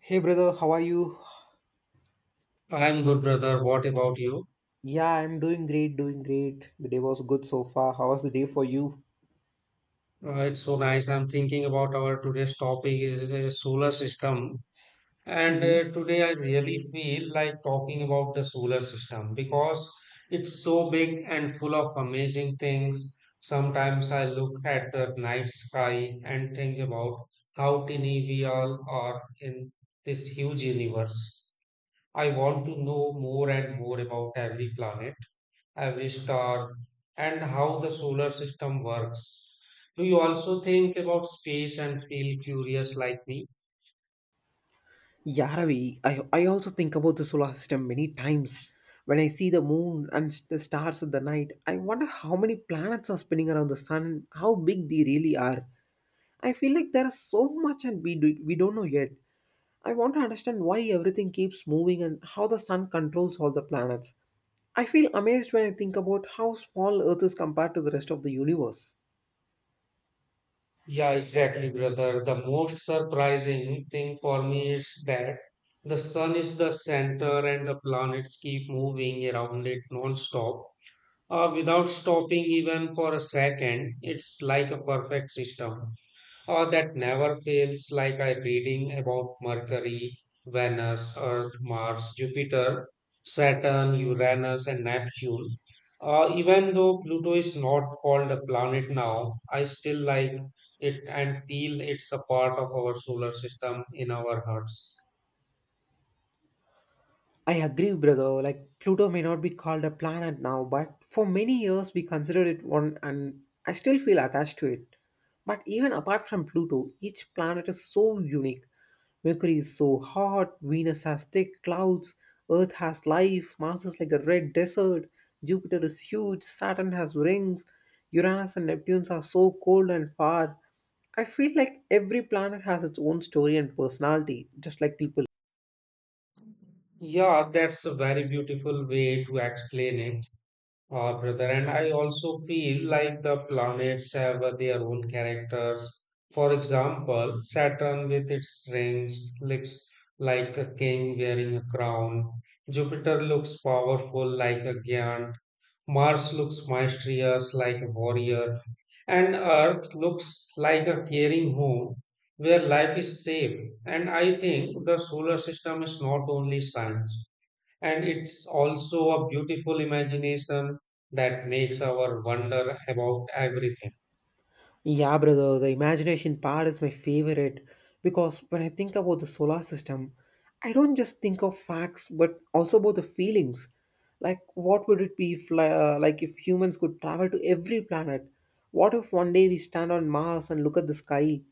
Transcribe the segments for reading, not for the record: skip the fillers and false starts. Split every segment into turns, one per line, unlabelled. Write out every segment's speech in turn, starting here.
Hey brother, how are you?
I'm good, brother. What about you?
Yeah, I'm doing great, doing great. The day was good so far. How was the day for you?
It's so nice. I'm thinking about our today's topic is the solar system. And
Mm-hmm.
Today I really feel like talking about the solar system because it's so big and full of amazing things. Sometimes I look at the night sky and think about how tiny we all are in this huge universe. I want to know more and more about every planet every star, and how the solar system works. Do you also think about space and feel curious like me?
Yeah, Ravi, I also think about the solar system many times. When I see the moon and the stars at the night, I wonder how many planets are spinning around the sun, how big they really are. I feel like there is so much and we don't know yet. I want to understand why everything keeps moving and how the sun controls all the planets. I feel amazed when I think about how small Earth is compared to the rest of the universe.
Yeah, exactly, brother. The most surprising thing for me is that the sun is the center and the planets keep moving around it non-stop, without stopping even for a second. It's like a perfect system. Oh, that never fails. Like I reading about Mercury, Venus, Earth, Mars, Jupiter, Saturn, Uranus, and Neptune. Even though Pluto is not called a planet now, I still like it and feel it's a part of our solar system in our hearts.
I agree, brother. Like Pluto may not be called a planet now, but for many years we considered it one, and I still feel attached to it. But even apart from Pluto, each planet is so unique. Mercury is so hot, Venus has thick clouds, Earth has life, Mars is like a red desert, Jupiter is huge, Saturn has rings, Uranus and Neptune are so cold and far. I feel like every planet has its own story and personality, just like people.
Yeah, that's a very beautiful way to explain it. Brother, and I also feel like the planets have their own characters. For example, Saturn with its rings looks like a king wearing a crown. Jupiter looks powerful like a giant. Mars looks mysterious like a warrior. And Earth looks like a caring home where life is safe. And I think the solar system is not only science. And it's also a beautiful imagination that makes our wonder about everything.
Yeah, brother, the imagination part is my favorite because when I think about the solar system, I don't just think of facts but also about the feelings. Like, what would it be if, li- like, if humans could travel to every planet? What if one day we stand on Mars and look at the sky?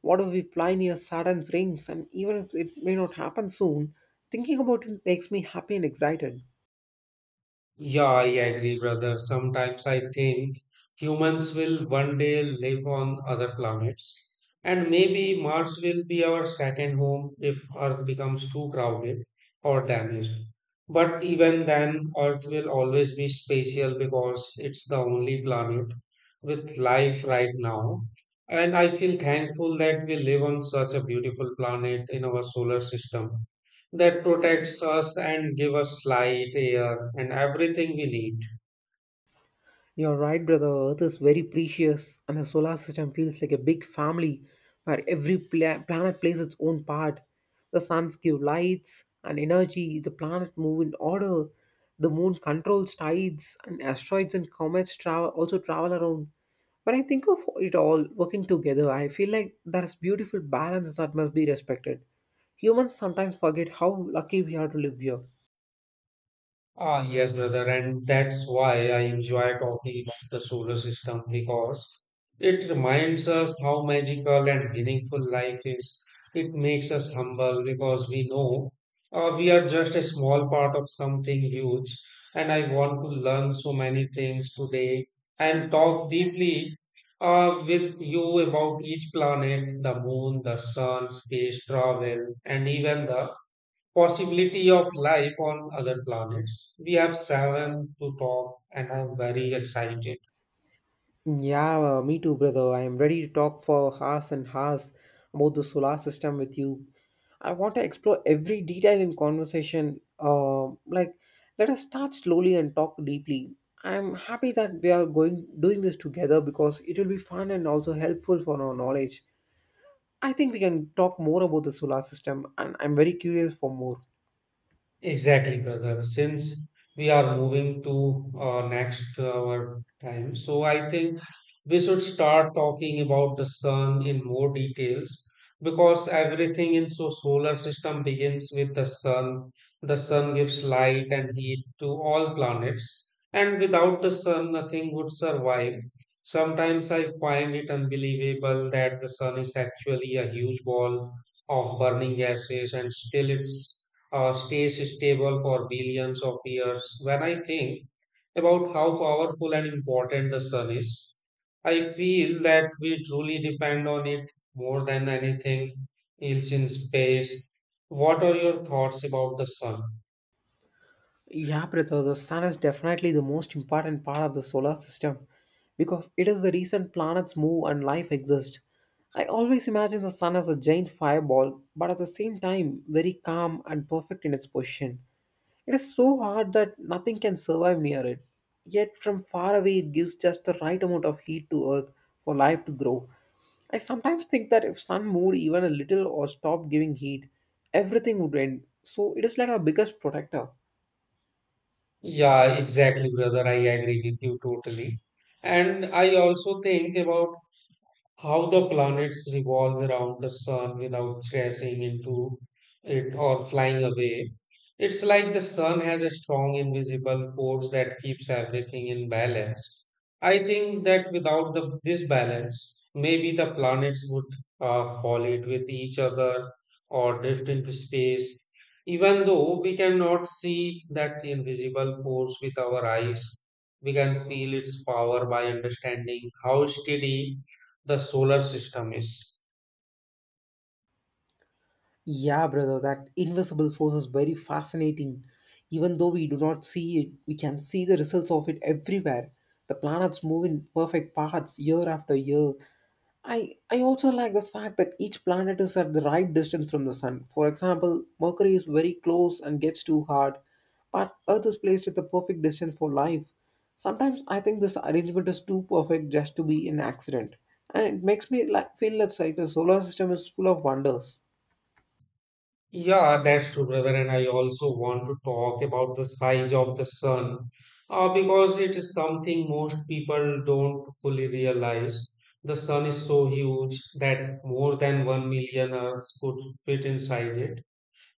What if we fly near Saturn's rings? And even if it may not happen soon, thinking about it makes me happy and excited.
Yeah, I agree, brother. Sometimes I think humans will one day live on other planets, and maybe Mars will be our second home if Earth becomes too crowded or damaged. But even then, Earth will always be special because it's the only planet with life right now. And I feel thankful that we live on such a beautiful planet in our solar system that protects us and give us light, air, and everything we need.
You're right, brother. Earth is very precious, and the solar system feels like a big family where every planet plays its own part. The suns give lights and energy, the planets move in order, the moon controls tides, and asteroids and comets travel also travel around. When I think of it all working together, I feel like there's beautiful balance that must be respected. Humans sometimes forget how lucky we are to live here.
Ah, yes, brother, and that's why I enjoy talking about the solar system because it reminds us how magical and meaningful life is. It makes us humble because we know we are just a small part of something huge. And I want to learn so many things today and talk deeply with you about each planet, the moon, the sun, space travel, and even the possibility of life on other planets. We have seven to talk, and I'm very excited.
Yeah, me too, brother. I am ready to talk for hours and hours about the solar system with you. I want to explore every detail in conversation. Let us start slowly and talk deeply. I am happy that we are going doing this together because it will be fun and also helpful for our knowledge. I think we can talk more about the solar system, and I'm very curious for more.
Exactly, brother. Since we are moving to next our time, so I think we should start talking about the sun in more details because everything in so solar system begins with the sun. The sun gives light and heat to all planets, and without the sun, nothing would survive. Sometimes I find it unbelievable that the sun is actually a huge ball of burning gases, and still it's stays stable for billions of years. When I think about how powerful and important the sun is, I feel that we truly depend on it more than anything else in space. What are your thoughts about the sun?
Yeah, Pritha, the sun is definitely the most important part of the solar system because it is the reason planets move and life exists. I always imagine the sun as a giant fireball, but at the same time, very calm and perfect in its position. It is so hot that nothing can survive near it. Yet, from far away, it gives just the right amount of heat to Earth for life to grow. I sometimes think that if sun moved even a little or stopped giving heat, everything would end. So, it is like our biggest protector.
Yeah, exactly, brother. I agree with you totally. And I also think about how the planets revolve around the sun without crashing into it or flying away. It's like the sun has a strong invisible force that keeps everything in balance. I think that without this balance, maybe the planets would collide with each other or drift into space. Even though we cannot see that invisible force with our eyes, we can feel its power by understanding how steady the solar system is.
Yeah, brother, that invisible force is very fascinating. Even though we do not see it, we can see the results of it everywhere. The planets move in perfect paths year after year. I also like the fact that each planet is at the right distance from the sun. For example, Mercury is very close and gets too hard, but Earth is placed at the perfect distance for life. Sometimes I think this arrangement is too perfect just to be an accident, and it makes me like feel that like the solar system is full of wonders.
Yeah, that's true, brother. And I also want to talk about the size of the sun because it is something most people don't fully realize. The sun is so huge that more than 1 million Earths could fit inside it.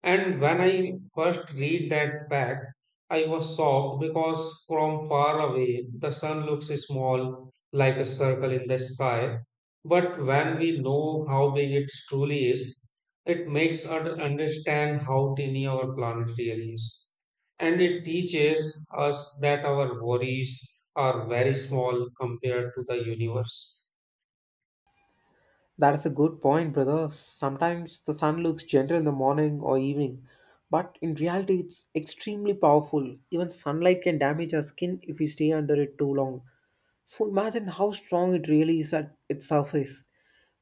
And when I first read that fact, I was shocked because from far away the sun looks small like a circle in the sky. But when we know how big it truly is, it makes us understand how tiny our planet really is. And it teaches us that our worries are very small compared to the universe.
That's a good point, brother. Sometimes the sun looks gentle in the morning or evening, but in reality, it's extremely powerful. Even sunlight can damage our skin if we stay under it too long. So imagine how strong it really is at its surface.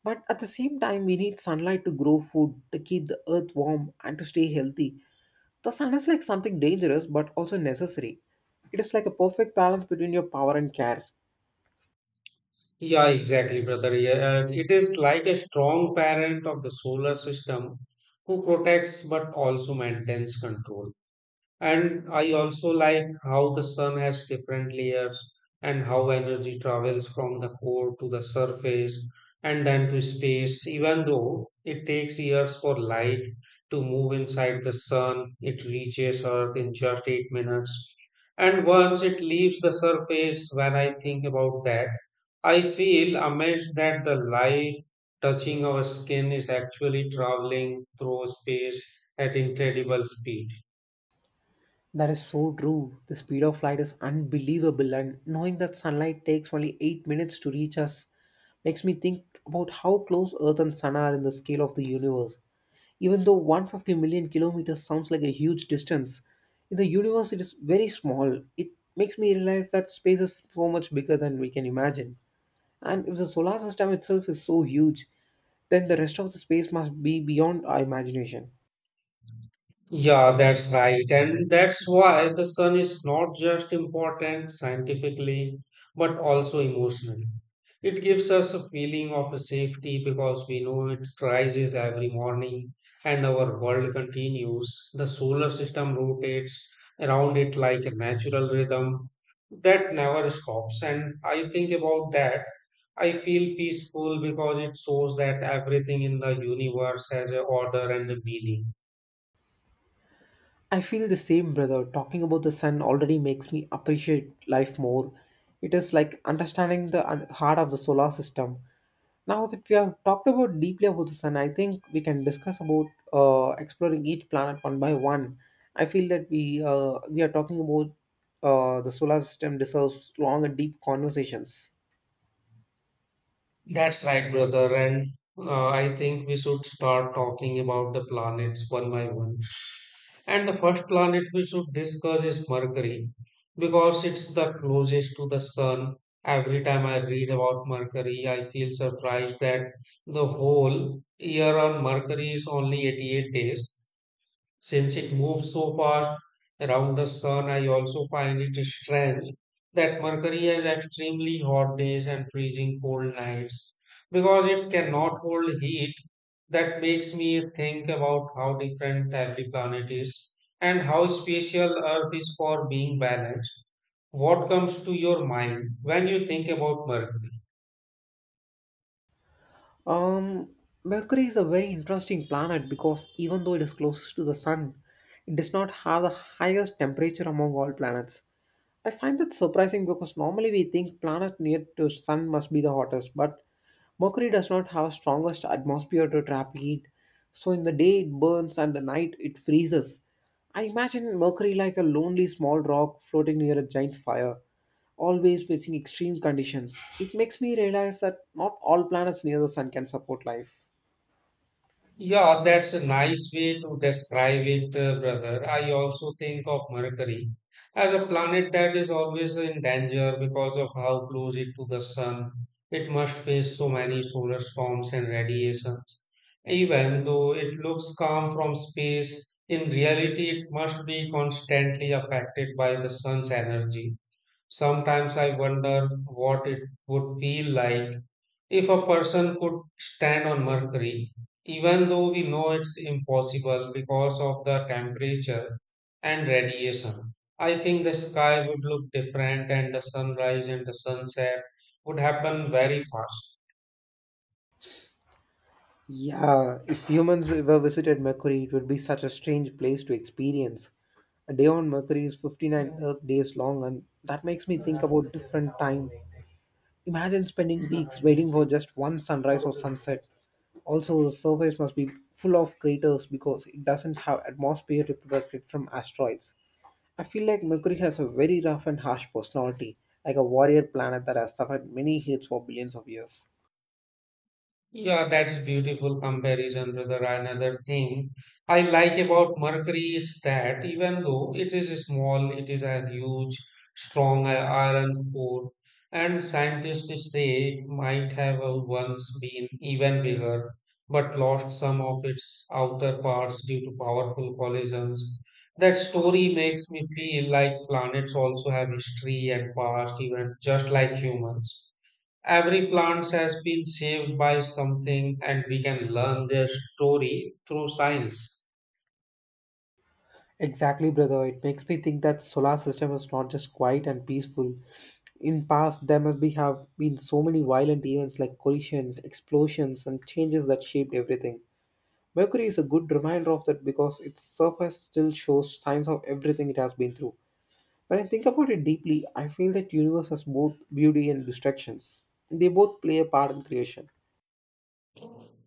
But at the same time, we need sunlight to grow food, to keep the earth warm, and to stay healthy. The sun is like something dangerous but also necessary. It is like a perfect balance between your power and care.
Yeah, exactly, brother. Yeah, and it is like a strong parent of the solar system who protects but also maintains control. And I also like how the sun has different layers and how energy travels from the core to the surface and then to space. Even though it takes years for light to move inside the sun, it reaches Earth in just 8 minutes. And once it leaves the surface, when I think about that, I feel amazed that the light touching our skin is actually traveling through space at incredible speed.
That is so true. The speed of light is unbelievable, and knowing that sunlight takes only 8 minutes to reach us makes me think about how close Earth and Sun are in the scale of the universe. Even though 150 million kilometers sounds like a huge distance, in the universe it is very small. It makes me realize that space is so much bigger than we can imagine. And if the solar system itself is so huge, then the rest of the space must be beyond our imagination.
Yeah, that's right. And that's why the sun is not just important scientifically, but also emotionally. It gives us a feeling of safety because we know it rises every morning and our world continues. The solar system rotates around it like a natural rhythm that never stops. And I think about that. I feel peaceful because it shows that everything in the universe has a order and a meaning.
I feel the same, brother. Talking about the sun already makes me appreciate life more. It is like understanding the heart of the solar system. Now that we have talked about deeply about the sun, I think we can discuss about exploring each planet one by one. I feel that we are talking about the solar system deserves long and deep conversations.
That's right, brother. And I think we should start talking about the planets one by one. And the first planet we should discuss is Mercury because it's the closest to the sun. Every time I read about Mercury, I feel surprised that the whole year on Mercury is only 88 days. Since it moves so fast around the sun, I also find it strange that Mercury has extremely hot days and freezing cold nights because it cannot hold heat. That makes me think about how different every planet is and how special Earth is for being balanced. What comes to your mind when you think about Mercury?
Um, Mercury is a very interesting planet because even though it is closest to the sun, it does not have the highest temperature among all planets. I find that surprising because normally we think planet near to sun must be the hottest, but Mercury does not have strongest atmosphere to trap heat. So in the day it burns and the night it freezes. I imagine Mercury like a lonely small rock floating near a giant fire, always facing extreme conditions. It makes me realize that not all planets near the sun can support life.
Yeah, that's a nice way to describe it, brother. I also think of Mercury as a planet that is always in danger because of how close it to the sun. It must face so many solar storms and radiations. Even though it looks calm from space, in reality it must be constantly affected by the sun's energy. Sometimes I wonder what it would feel like if a person could stand on Mercury, even though we know it's impossible because of the temperature and radiation. I think the sky would look different and the sunrise and the sunset would happen very fast.
Yeah, if humans ever visited Mercury, it would be such a strange place to experience. A day on Mercury is 59 Earth days long, and that makes me think about different time. Imagine spending weeks waiting for just one sunrise or sunset. Also, the surface must be full of craters because it doesn't have atmosphere to protect it from asteroids. I feel like Mercury has a very rough and harsh personality, like a warrior planet that has suffered many hits for billions of years.
Yeah, that's beautiful comparison, brother. Another thing I like about Mercury is that even though it is small, it is a huge, strong iron core, and scientists say it might have once been even bigger, but lost some of its outer parts due to powerful collisions. That story makes me feel like planets also have history and past, even just like humans. Every plant has been saved by something, and we can learn their story through science.
Exactly, brother. It makes me think that solar system is not just quiet and peaceful. In past, there must be have been so many violent events like collisions, explosions, and changes that shaped everything. Mercury is a good reminder of that because its surface still shows signs of everything it has been through. When I think about it deeply, I feel that universe has both beauty and destructions. They both play a part in creation.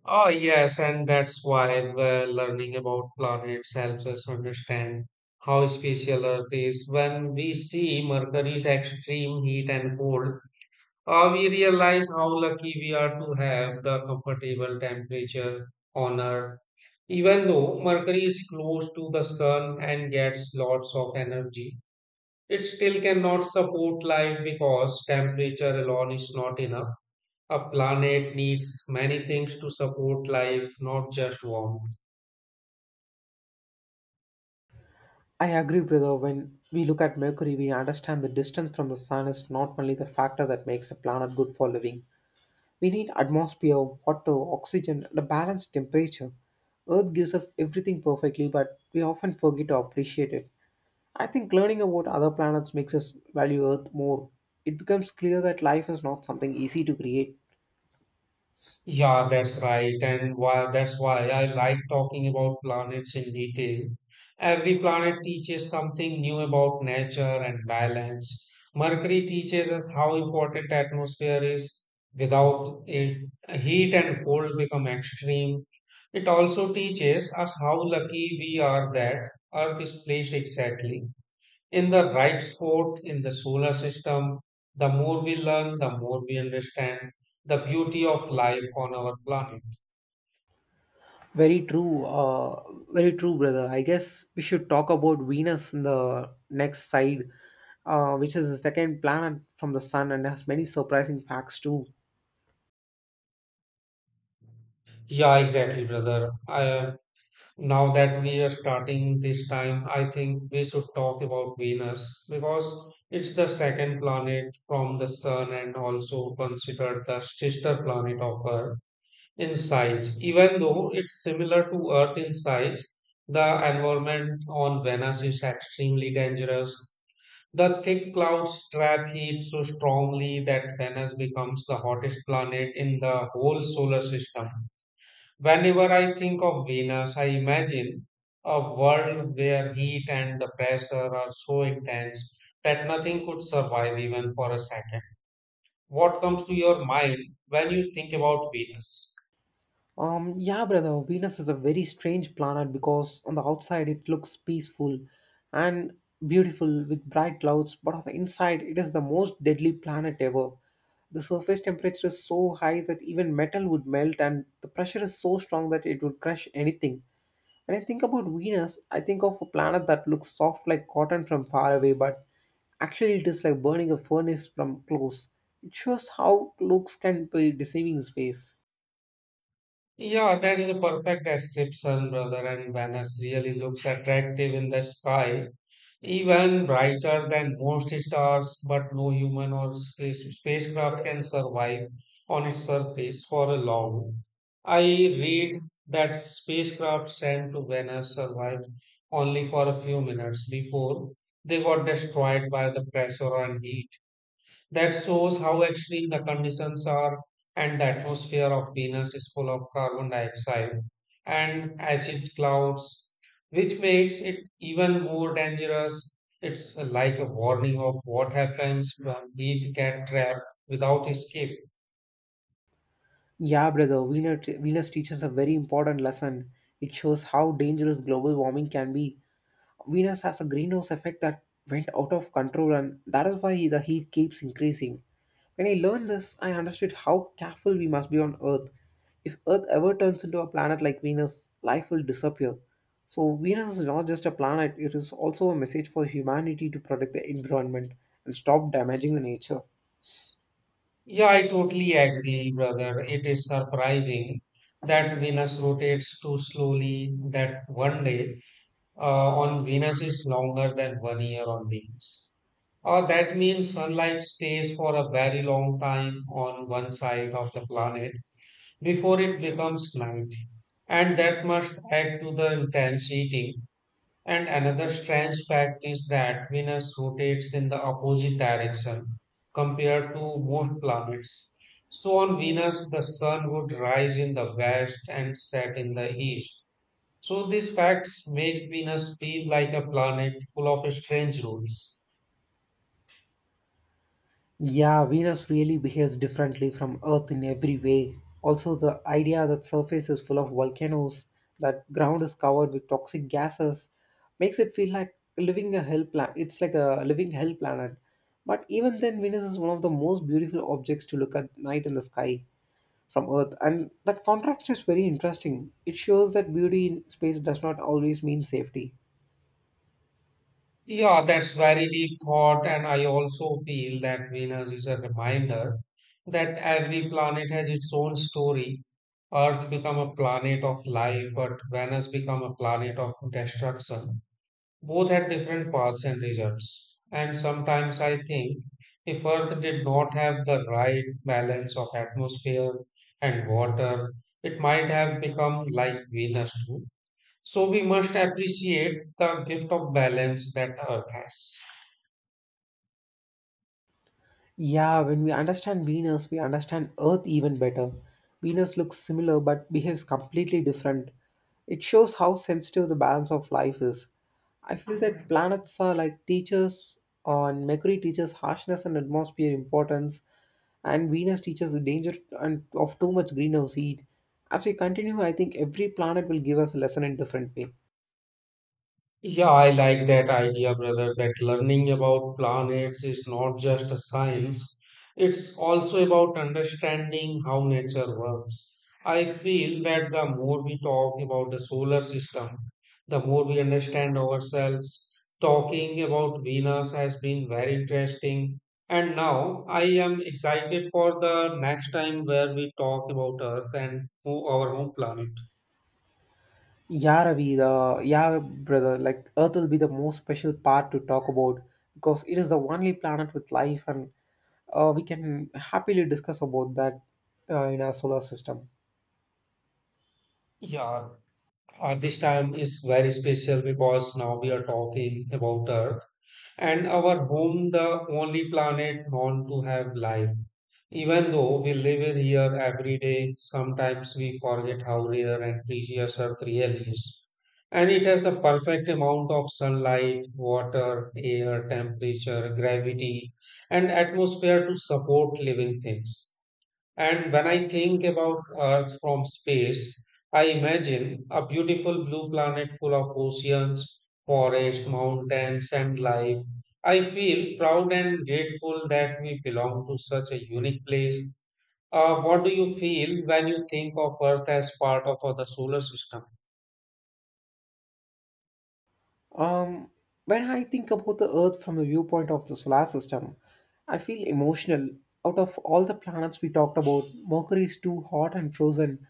Oh, yes, and that's why learning about planets helps us understand how special Earth is. When we see Mercury's extreme heat and cold, we realize how lucky we are to have the comfortable temperature on Earth. Even though Mercury is close to the sun and gets lots of energy, it still cannot support life because temperature alone is not enough. A planet needs many things to support life, not just warmth.
I agree, brother. When we look at Mercury, we understand the distance from the sun is not only the factor that makes a planet good for living, we need atmosphere, water, oxygen, and a balanced temperature. Earth gives us everything perfectly, but we often forget to appreciate it. I think learning about other planets makes us value Earth more. It becomes clear that life is not something easy to create.
Yeah, that's right. And why that's why I like talking about planets in detail. Every planet teaches something new about nature and balance. Mercury teaches us how important atmosphere is. Without it, heat and cold become extreme. It also teaches us how lucky we are that Earth is placed exactly in the right spot in the solar system, the more we learn, the more we understand the beauty of life on our planet.
Very true, uh, Very true, brother. I guess we should talk about Venus in the next side, which is the second planet from the sun and has many surprising facts too.
Yeah, exactly, brother. Now that we are starting this time, I think we should talk about Venus because it's the second planet from the Sun and also considered the sister planet of Earth in size. Even though it's similar to Earth in size, the environment on Venus is extremely dangerous. The thick clouds trap heat so strongly that Venus becomes the hottest planet in the whole solar system. Whenever I think of Venus, I imagine a world where heat and the pressure are so intense that nothing could survive even for a second. What comes to your mind when you think about Venus?
Yeah, brother, Venus is a very strange planet because on the outside it looks peaceful and beautiful with bright clouds, but on the inside it is the most deadly planet ever. The surface temperature is so high that even metal would melt, and the pressure is so strong that it would crush anything. When I think about Venus, I think of a planet that looks soft like cotton from far away, but actually it is like burning a furnace from close. It shows how looks can be deceiving in space.
Yeah, that is a perfect description, brother. And Venus really looks attractive in the sky, even brighter than most stars, but no human or spacecraft can survive on its surface for a long. I read that spacecraft sent to Venus survived only for a few minutes before they got destroyed by the pressure and heat. That shows how extreme the conditions are, and the atmosphere of Venus is full of carbon dioxide and acid clouds, which makes it even more dangerous. It's like a warning of what happens when heat get trapped without escape.
Yeah, brother, Venus teaches a very important lesson. It shows how dangerous global warming can be. Venus has a greenhouse effect that went out of control, and that is why the heat keeps increasing. When I learned this, I understood how careful we must be on Earth. If Earth ever turns into a planet like Venus, life will disappear. So, Venus is not just a planet, it is also a message for humanity to protect the environment and stop damaging the nature.
Yeah, I totally agree, brother. It is surprising that Venus rotates too slowly that one day uh, on Venus is longer than one year on Venus. That means sunlight stays for a very long time on one side of the planet before it becomes night. And that must add to the intense heating. And another strange fact is that Venus rotates in the opposite direction compared to most planets. So on Venus, the sun would rise in the west and set in the east, so these facts make Venus feel like a planet full of strange rules.
Yeah, Venus really behaves differently from Earth in every way. Also, the idea that surface is full of volcanoes, that ground is covered with toxic gases, makes it feel like living a hell planet. It's like a living hell planet. But even then, Venus is one of the most beautiful objects to look at night in the sky from Earth, and that contrast is very interesting. It shows that beauty in space does not always mean safety.
Yeah, that's very deep thought, and I also feel that Venus is a reminder that every planet has its own story. Earth become a planet of life, but Venus become a planet of destruction. Both had different paths and results, and sometimes I think if Earth did not have the right balance of atmosphere and water, it might have become like Venus too. So we must appreciate the gift of balance that Earth has.
Yeah, when we understand Venus, we understand Earth even better. Venus looks similar but behaves completely different. It shows how sensitive the balance of life is. I feel that planets are like teachers, on Mercury teaches harshness and atmosphere importance, and Venus teaches the danger and of too much greenhouse heat. As we continue, I think every planet will give us a lesson in different way.
Yeah, I like that idea, brother, that learning about planets is not just a science, it's also about understanding how nature works. I feel that the more we talk about the solar system, the more we understand ourselves. Talking about Venus has been very interesting, and now I am excited for the next time where we talk about Earth and our home planet.
Yeah, Ravi, the, yeah, brother, like Earth will be the most special part to talk about because it is the only planet with life, and we can happily discuss about that in our solar system.
Yeah. This time is very special because now we are talking about Earth and our home, the only planet known to have life. Even though we live in here every day, sometimes we forget how rare and precious Earth really is. And it has the perfect amount of sunlight, water, air, temperature, gravity, and atmosphere to support living things. And when I think about Earth from space, I imagine a beautiful blue planet full of oceans, forests, mountains, and life. I feel proud and grateful that we belong to such a unique place. What do you feel when you think of Earth as part of the solar system?
Um, when I think about the Earth from the viewpoint of the solar system, I feel emotional. Out of all the planets we talked about, Mercury is too hot and frozen,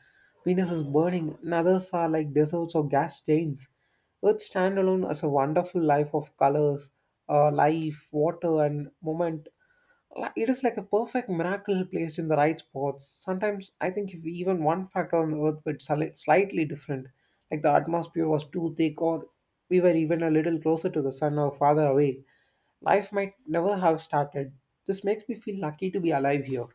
Venus is burning, and others are like deserts or gas giants. Earth stands alone as a wonderful life of colors, life, water, and moment. It is like a perfect miracle placed in the right spots. Sometimes I think if even one factor on Earth were slightly different, like the atmosphere was too thick or we were even a little closer to the sun or farther away, life might never have started. This makes me feel lucky to be alive here.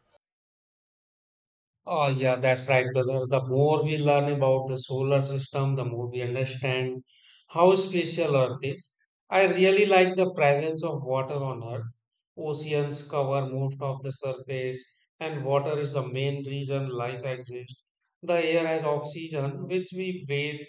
Oh, yeah, that's right, brother. The more we learn about the solar system, the more we understand how special Earth is. I really like the presence of water on Earth. Oceans cover most of the surface, and water is the main reason life exists. The air has oxygen, which we breathe,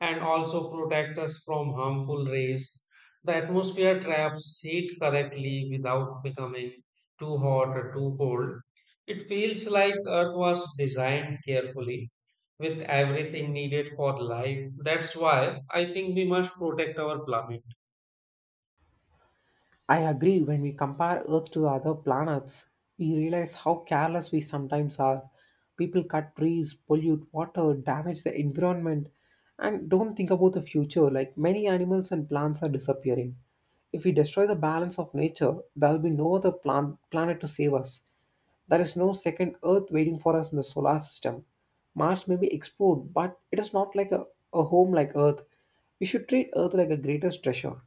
and also protect us from harmful rays. The atmosphere traps heat correctly without becoming too hot or too cold. It feels like Earth was designed carefully with everything needed for life. That's why I think we must protect our planet.
I agree, when we compare Earth to other planets, we realize how careless we sometimes are. People cut trees, pollute water, damage the environment, and don't think about the future. Like many animals and plants are disappearing. If we destroy the balance of nature, there will be no other planet to save us. There is no second Earth waiting for us in the solar system. Mars may be explored, but it is not like a home like Earth. We should treat Earth like a greatest treasure.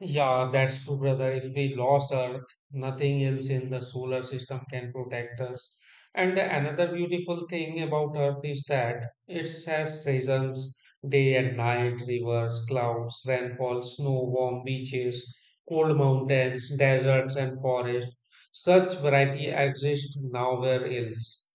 Yeah, that's true, brother. If we lost Earth, nothing else in the solar system can protect us. And the another beautiful thing about Earth is that it has seasons, day and night, rivers, clouds, rainfall, snow, warm beaches, cold mountains, deserts, and forests. Such variety exists nowhere else.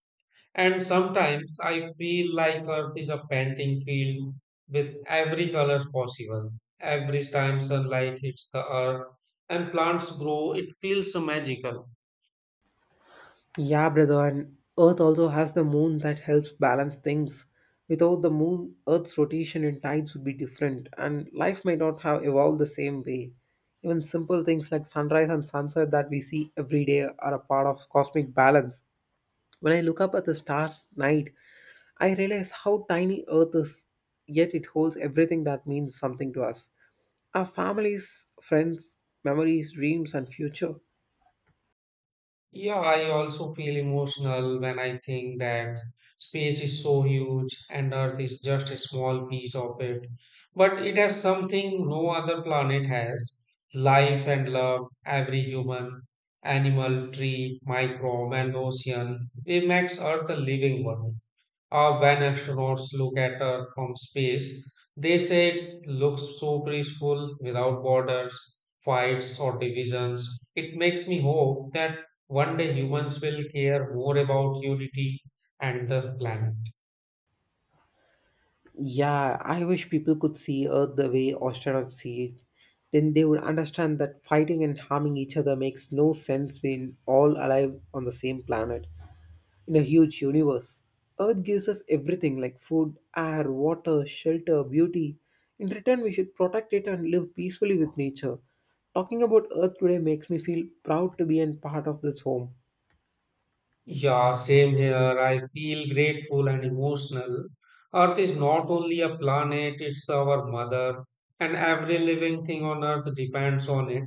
And sometimes I feel like Earth is a painting field with every color possible. Every time sunlight hits the earth and plants grow, it feels magical.
Yeah, brother, and Earth also has the moon that helps balance things. Without the moon, Earth's rotation and tides would be different, and life might not have evolved the same way. Even simple things like sunrise and sunset that we see every day are a part of cosmic balance. When I look up at the stars at night, I realize how tiny Earth is, yet it holds everything that means something to us our families, friends, memories, dreams, and future.
Yeah, I also feel emotional when I think that space is so huge and Earth is just a small piece of it. But it has something no other planet has, life and love, every human, animal, tree, microbe, and ocean. It makes Earth a living one. When astronauts look at Earth from space, they say it looks so peaceful without borders, fights, or divisions. It makes me hope that one day humans will care more about unity and the planet.
Yeah, I wish people could see Earth the way astronauts see it. Then they would understand that fighting and harming each other makes no sense when all alive on the same planet in a huge universe. Earth gives us everything like food, air, water, shelter, beauty. In return, we should protect it and live peacefully with nature. Talking about Earth today makes me feel proud to be a part of this home.
Yeah, same here. I feel grateful and emotional. Earth is not only a planet, it's our mother, and every living thing on Earth depends on it.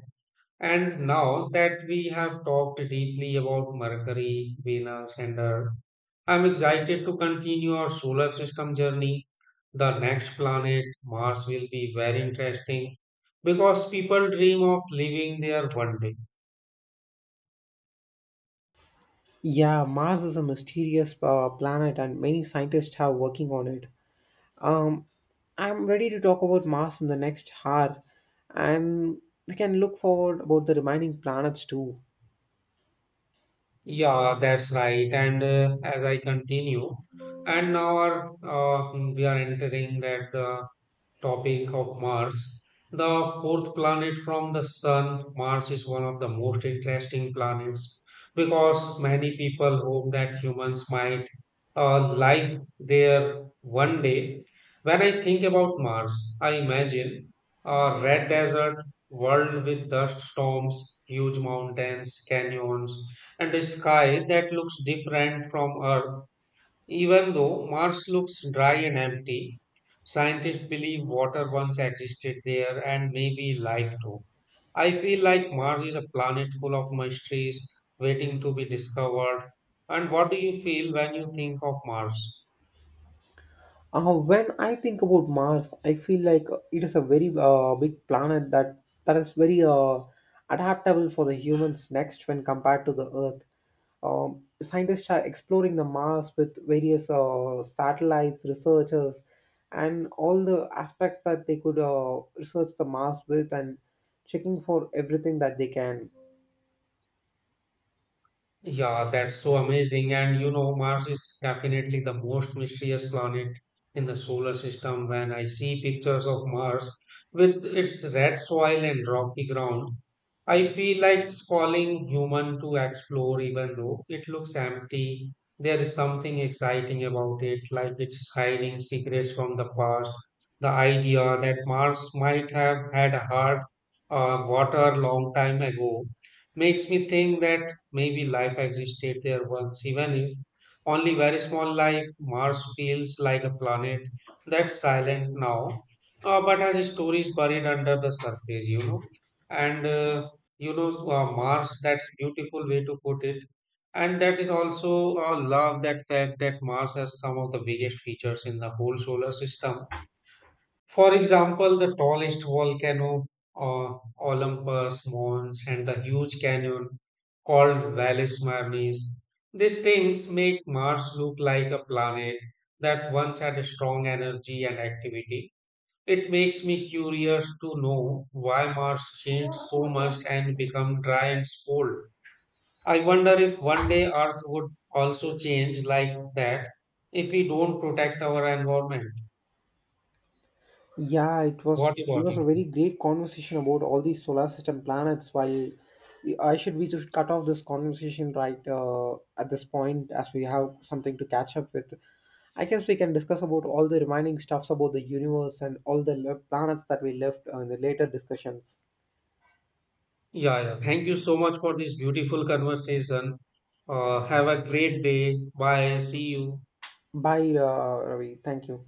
And now that we have talked deeply about Mercury, Venus, and Earth, I'm excited to continue our solar system journey. The next planet, Mars, will be very interesting because people dream of living there one day.
Yeah, Mars is a mysterious planet, and many scientists are working on it. Um, I'm ready to talk about Mars in the next hour, and we can look forward about the remaining planets too.
Yeah, that's right. And as I continue, we are entering that the topic of Mars, the fourth planet from the Sun. Mars is one of the most interesting planets because many people hope that humans might life there one day. When I think about Mars, I imagine a red desert world with dust storms, huge mountains, canyons, and a sky that looks different from Earth. Even though Mars looks dry and empty, scientists believe water once existed there and maybe life too. I feel like Mars is a planet full of mysteries waiting to be discovered. And what do you feel when you think of Mars?
When I think about Mars, I feel like it is a very big planet that is very adaptable for the humans next when compared to the Earth. Scientists are exploring the Mars with various satellites, researchers, and all the aspects that they could research the Mars with, and checking for everything that they can.
Yeah, that's so amazing. And you know, Mars is definitely the most mysterious planet in the solar system. When I see pictures of Mars with its red soil and rocky ground, I feel like it's calling human to explore, even though it looks empty. There is something exciting about it, like it's hiding secrets from the past. The idea that Mars might have had a heart, water long time ago, makes me think that maybe life existed there once, even if only very small life. Mars feels like a planet that's silent now, but has stories buried under the surface, you know. And Mars, that's beautiful way to put it. And that is also love that fact that Mars has some of the biggest features in the whole solar system, for example, the tallest volcano, Olympus Mons, and the huge canyon called Valles Marnis. These things make Mars look like a planet that once had a strong energy and activity. It makes me curious to know why Mars changed so much and become dry and cold. I wonder if one day Earth would also change like that if we don't protect our environment.
Yeah, it was
What
it
about
was
you?
a very great conversation about all these solar system planets. While we- I should we should cut off this conversation right at this point as we have something to catch up with. I guess we can discuss about all the remaining stuffs about the universe and all the planets that we left in the later discussions.
Yeah, yeah. Thank you so much for this beautiful conversation. Have a great day. Bye. See you.
Bye, Ravi. Thank you.